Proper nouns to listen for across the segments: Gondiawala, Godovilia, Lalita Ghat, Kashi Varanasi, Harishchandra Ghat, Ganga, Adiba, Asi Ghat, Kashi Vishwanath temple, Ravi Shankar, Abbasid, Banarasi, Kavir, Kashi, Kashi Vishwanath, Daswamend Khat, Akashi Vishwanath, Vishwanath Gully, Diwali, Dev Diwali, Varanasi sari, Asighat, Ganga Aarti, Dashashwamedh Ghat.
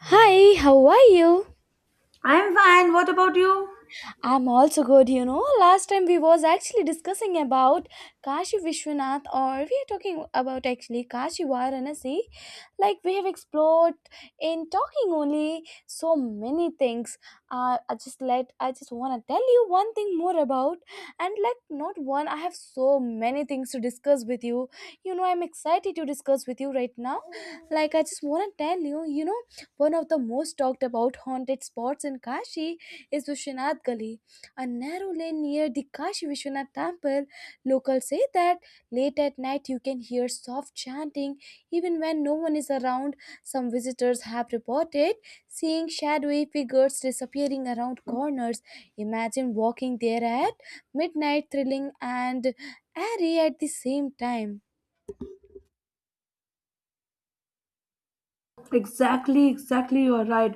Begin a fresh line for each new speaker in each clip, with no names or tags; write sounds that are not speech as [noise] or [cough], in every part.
Hi, how are you?
I'm fine. What about you?
I'm also good, you know. Last time we was actually discussing about Kashi Vishwanath or we are talking about actually Kashi Varanasi. Like we have explored in talking only so many things. I just wanna tell you one thing more about, and like not one, I have so many things to discuss with you. You know, I'm excited to discuss with you right now. Like I just wanna tell you, one of the most talked about haunted spots in Kashi is Vishwanath Gully, a narrow lane near the Kashi Vishwanath temple. Locals say that late at night you can hear soft chanting even when no one is around. Some visitors have reported seeing shadowy figures disappearing around corners. Imagine walking there at midnight, thrilling and airy at the same time.
Exactly, exactly, you are right.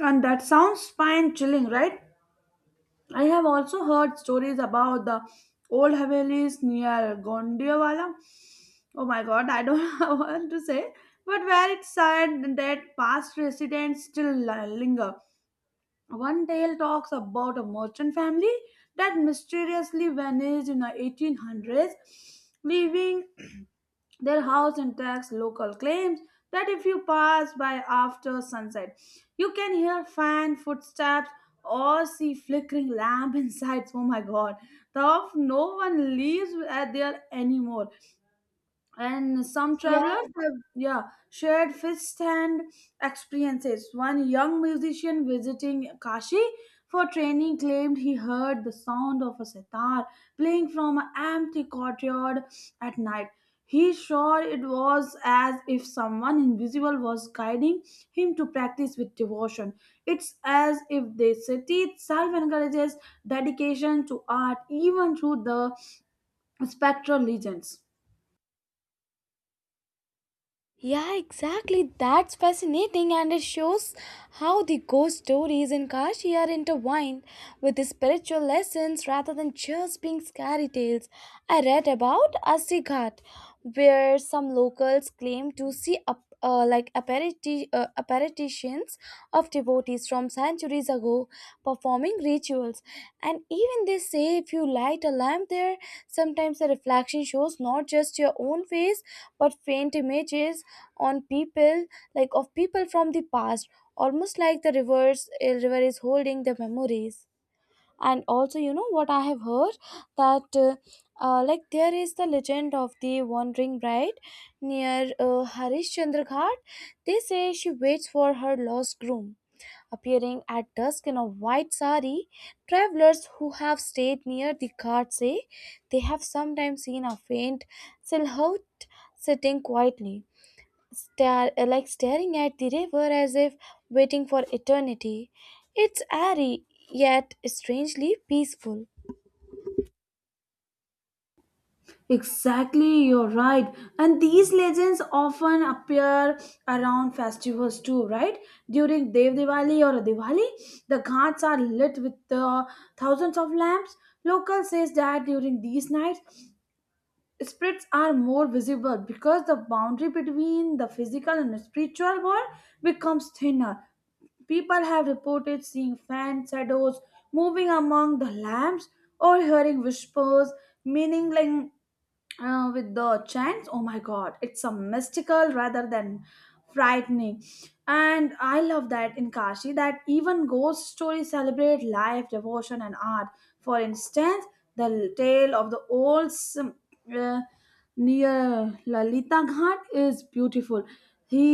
And that sounds fine, chilling, right? I have also heard stories about the old Havelis near Gondiawala. Oh my god, I don't [laughs] know what to say. But where it's said that past residents still linger. One tale talks about a merchant family that mysteriously vanished in the 1800s, leaving [clears throat] their house intact. Local claims that if you pass by after sunset, you can hear fan footsteps or see flickering lamp [laughs] inside. Oh my god, the of no one lives at there anymore, and some
Yeah.
travelers have yeah shared first-hand experiences. One young musician visiting Kashi for training claimed he heard the sound of a sitar playing from an empty courtyard at night. He sure it was as if someone invisible was guiding him to practice with devotion. It's as if the city itself encourages dedication to art even through the spectral legends.
Yeah, exactly. That's fascinating, and it shows how the ghost stories in Kashi are intertwined with the spiritual lessons rather than just being scary tales. I read about Asighat, where some locals claim to see like apparitions of devotees from centuries ago performing rituals. And even they say if you light a lamp there, sometimes the reflection shows not just your own face but faint images on people, like of people from the past, almost like the rivers a river is holding the memories. And also, you know what I have heard, that like there is the legend of the wandering bride near Harishchandra Ghat. They say she waits for her lost groom, appearing at dusk in a white sari. Travelers who have stayed near the ghat say they have sometimes seen a faint silhouette sitting quietly, like staring at the river as if waiting for eternity. It's airy, yet strangely peaceful.
Exactly, you're right. And these legends often appear around festivals too, right? During Dev Diwali or Diwali, the ghats are lit with the thousands of lamps. Local says that during these nights, spirits are more visible because the boundary between the physical and the spiritual world becomes thinner. People have reported seeing fan shadows moving among the lamps or hearing whispers, meaning like with the chants. Oh my god, it's a mystical rather than frightening. And I love that in Kashi that even ghost stories celebrate life, devotion, and art. For instance, the tale of the uh, near Lalita Ghat is beautiful. He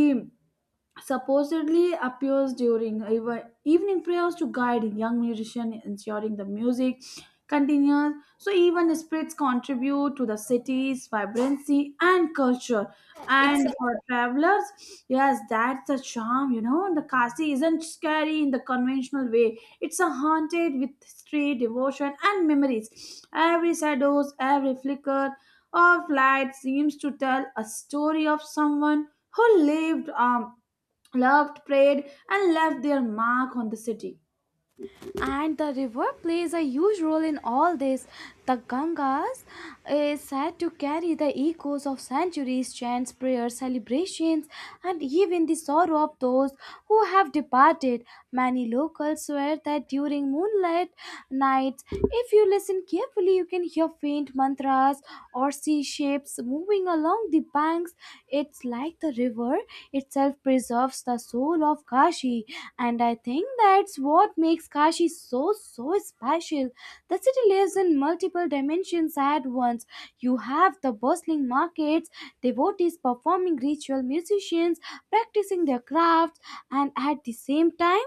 supposedly appears during evening prayers to guide young musicians, ensuring the music continues. So even spirits contribute to the city's vibrancy and culture. And
Exactly.
for travelers, yes, that's the charm, The Kasi isn't scary in the conventional way. It's a haunted with history, devotion, and memories. Every shadows, every flicker of light seems to tell a story of someone who lived, loved, prayed, and left their mark on the city.
And the river plays a huge role in all this. The Gangas is said to carry the echoes of centuries, chants, prayers, celebrations, and even the sorrow of those who have departed. Many locals swear that during moonlight nights, if you listen carefully, you can hear faint mantras or sea shapes moving along the banks. It's like the river itself preserves the soul of Kashi, and I think that's what makes Kashi so special. The city lives in multiple dimensions at once. You have the bustling markets, devotees performing ritual, musicians practicing their crafts, and at the same time,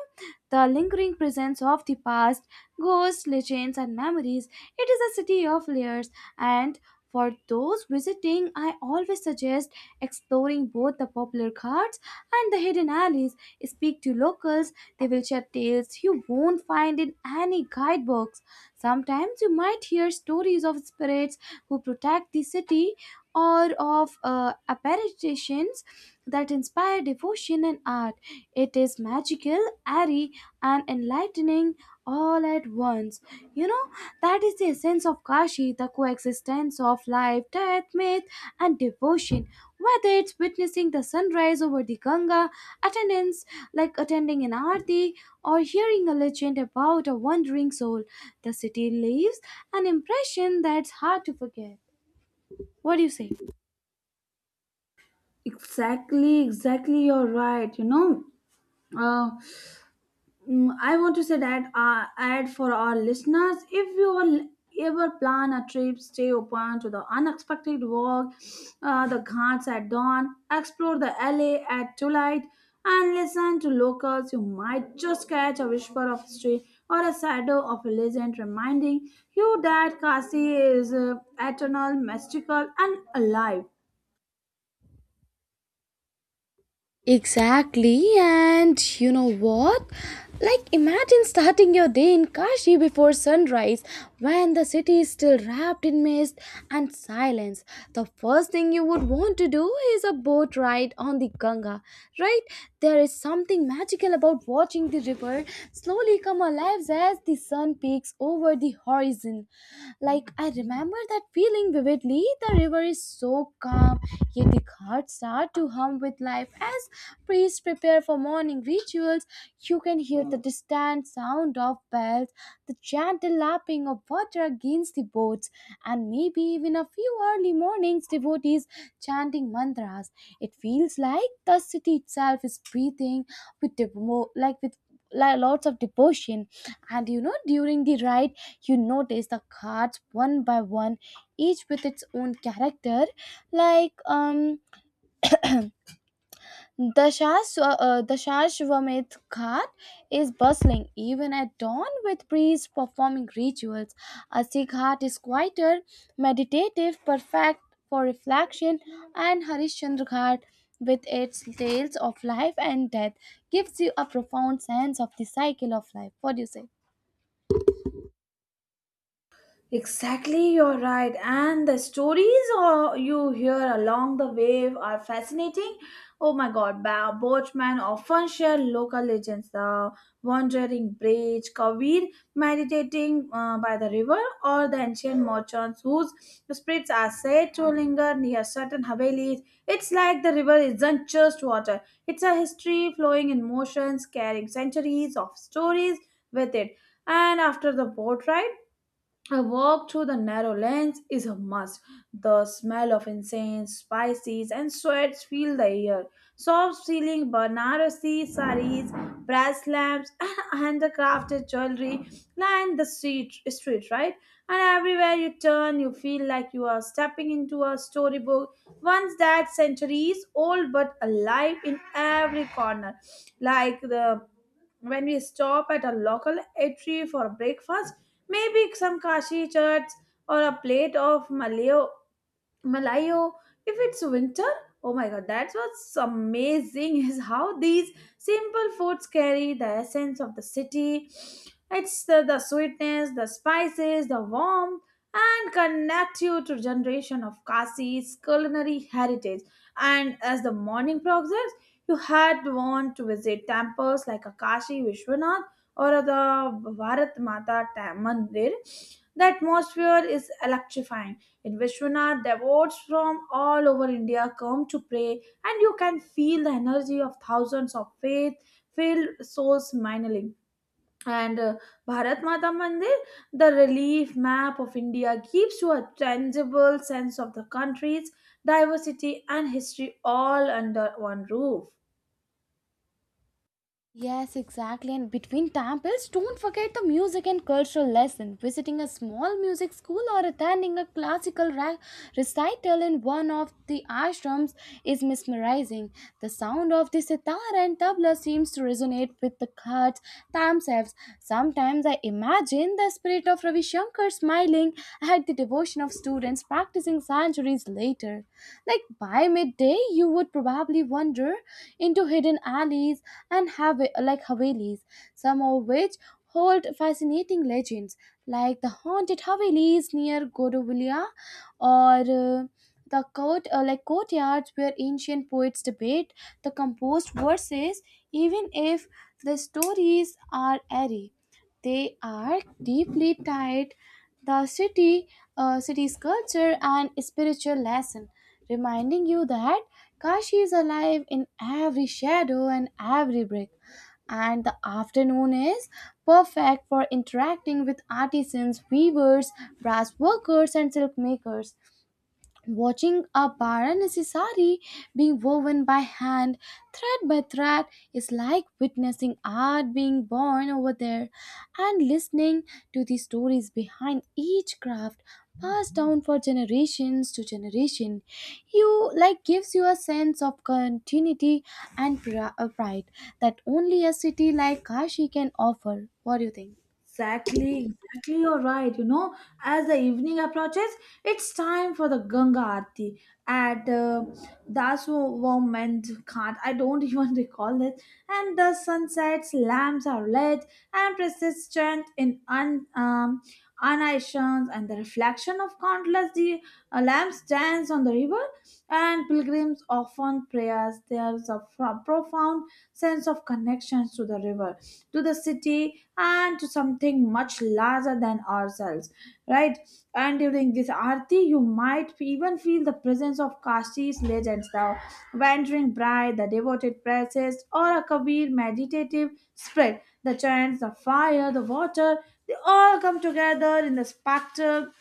the lingering presence of the past, ghosts, legends, and memories. It is a city of layers, and for those visiting, I always suggest exploring both the popular carts and the hidden alleys. Speak to locals, they will share tales you won't find in any guidebooks. Sometimes you might hear stories of spirits who protect the city, or of apparitions that inspire devotion and art. It is magical, airy, and enlightening all at once. You know, that is the essence of Kashi, the coexistence of life, death, myth, and devotion. Whether it's witnessing the sunrise over the Ganga, attendance like attending an arti, or hearing a legend about a wandering soul, the city leaves an impression that's hard to forget. What do you say?
Exactly, exactly, you're right. You know, uh, I want to say that ad for our listeners. If you will ever plan a trip, stay open to the unexpected walk, the ghats at dawn, explore the alley at twilight, and listen to locals. You might just catch a whisper of history or a shadow of a legend reminding you that Kasi is eternal, mystical, and alive.
Exactly, and you know what? Like, imagine starting your day in Kashi before sunrise, when the city is still wrapped in mist and silence. The first thing you would want to do is a boat ride on the Ganga, right? There is something magical about watching the river slowly come alive as the sun peaks over the horizon. Like, I remember that feeling vividly. The river is so calm, yet the ghats start to hum with life as priests prepare for morning rituals. You can hear the distant sound of bells, the gentle lapping of water against the boats, and maybe even a few early mornings devotees chanting mantras. It feels like the city itself is breathing with lots of devotion. And you know, during the ride you notice the cards one by one, each with its own character, like Dashashwamedh Ghat is bustling even at dawn with priests performing rituals. Asi Ghat is quieter, meditative, perfect for reflection, and Harishchandra Ghat, with its tales of life and death, gives you a profound sense of the cycle of life. What do you say?
Exactly, you're right. And the stories you hear along the way are fascinating. Oh my god, boatmen often share local legends. The wandering bridge, Kavir meditating by the river, or the ancient merchants whose spirits are said to linger near certain havelis. It's like the river isn't just water, it's a history flowing in motions, carrying centuries of stories with it. And after the boat ride, a walk through the narrow lanes is a must. The smell of incense, spices, and sweats fill the air. Soft ceiling Banarasi saris, brass lamps, [laughs] and the crafted jewelry line the street, right? And everywhere you turn, you feel like you are stepping into a storybook. Once that centuries old but alive in every corner, like the when we stop at a local eatery for breakfast. Maybe some kashi chats or a plate of malayo. Malayo, if it's winter, oh my god, that's what's amazing is how these simple foods carry the essence of the city. It's the sweetness, the spices, the warmth, and connect you to generation of Kasi's culinary heritage. And as the morning progresses, you had want to visit temples like Akashi Vishwanath or the Bharat Mata Mandir. The atmosphere is electrifying in Vishwanath, devotees from all over India come to pray, and you can feel the energy of thousands of faith filled souls mingling. And Bharat Mata Mandir, the relief map of India, gives you a tangible sense of the country's diversity and history all under one roof.
Yes, exactly. And between temples, don't forget the music and cultural lesson. Visiting a small music school or attending a classical recital in one of the ashrams is mesmerizing. The sound of the sitar and tabla seems to resonate with the cards themselves. Sometimes I imagine the spirit of Ravi Shankar smiling at the devotion of students practicing Sanjuri centuries later. Like by midday, you would probably wander into hidden alleys and have like havelis, some of which hold fascinating legends, like the haunted havelis near Godovilia, or like courtyards where ancient poets debate the composed verses. Even if the stories are airy, they are deeply tied the city, city's culture and spiritual lesson, reminding you that Kashi is alive in every shadow and every brick. And the afternoon is perfect for interacting with artisans, weavers, brass workers, and silk makers. Watching a Varanasi sari being woven by hand, thread by thread, is like witnessing art being born over there. And listening to the stories behind each craft passed down for generations to generation, you like gives you a sense of continuity and pride that only a city like Kashi can offer. What do you think?
Exactly, exactly, you're right. You know, as the evening approaches, it's time for the Ganga Aarti at Daswamend Khat. I don't even [laughs] recall it. And the sunsets, lamps are lit and persistent in unations, and the reflection of countless the lamps dance on the river. And pilgrims often prayers. There's a profound sense of connections to the river, to the city, and to something much larger than ourselves, right? And during this Aarti, you might even feel the presence of Kashi's legends, the wandering bride, the devoted priestess, or a Kabir meditative spirit. The chants, the fire, the water, they all come together in the spectrum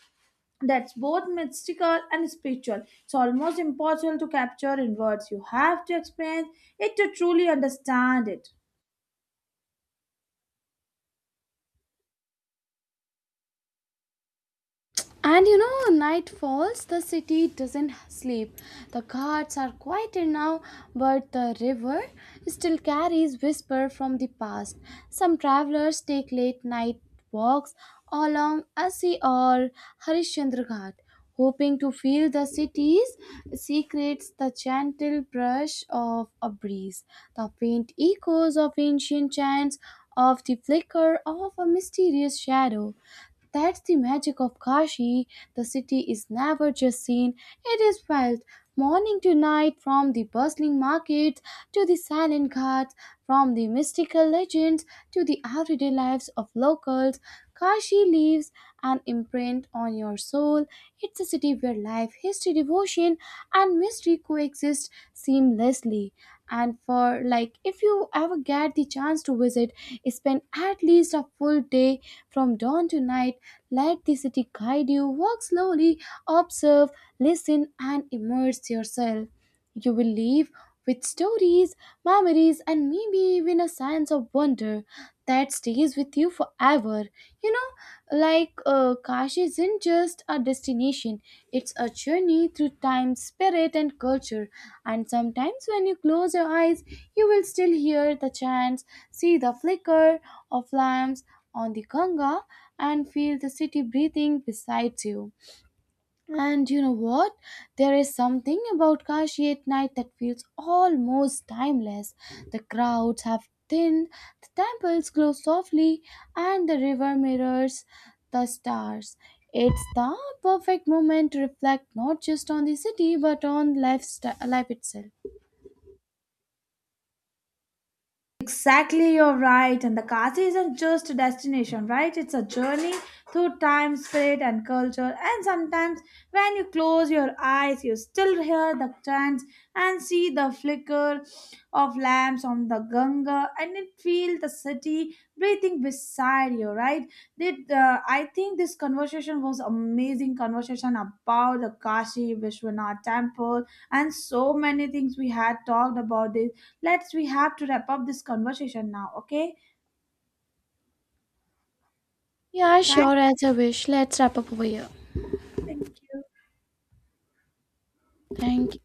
that's both mystical and spiritual. It's almost impossible to capture in words. You have to experience it to truly understand it.
And you know, night falls, the city doesn't sleep. The guards are quieter now, but the river still carries whisper from the past. Some travelers take late night walks along Asi or Harishchandra Ghat, hoping to feel the city's secrets, the gentle brush of a breeze, the faint echoes of ancient chants, of the flicker of a mysterious shadow. That's the magic of Kashi. The city is never just seen, it is felt. Morning to night, from the bustling markets to the silent ghats, from the mystical legends to the everyday lives of locals, Kashi leaves an imprint on your soul. It's a city where life, history, devotion, and mystery coexist seamlessly. And for like, if you ever get the chance to visit, spend at least a full day, from dawn to night. Let the city guide you, walk slowly, observe, listen, and immerse yourself. You will leave with stories, memories, and maybe even a sense of wonder that stays with you forever. You know, like Kashi isn't just a destination, it's a journey through time, spirit, and culture. And sometimes when you close your eyes, you will still hear the chants, see the flicker of lamps on the Ganga, and feel the city breathing beside you. And you know what? There is something about Kashi at night that feels almost timeless. The crowds have thinned, the temples glow softly, and the river mirrors the stars. It's the perfect moment to reflect not just on the city but on lifestyle, life itself.
Exactly, you're right. And the Kashi isn't just a destination, right? It's a journey through time, spirit, and culture. And sometimes when you close your eyes, you still hear the chants and see the flicker of lamps on the Ganga, and it feel the city breathing beside you, right? Did I think this conversation was amazing conversation about the Kashi Vishwanath temple and so many things we had talked about this. Let's we have to wrap up this conversation now, okay?
Yeah,
Thank,
sure, as a wish. Let's wrap up over here.
thank you.
Thank you.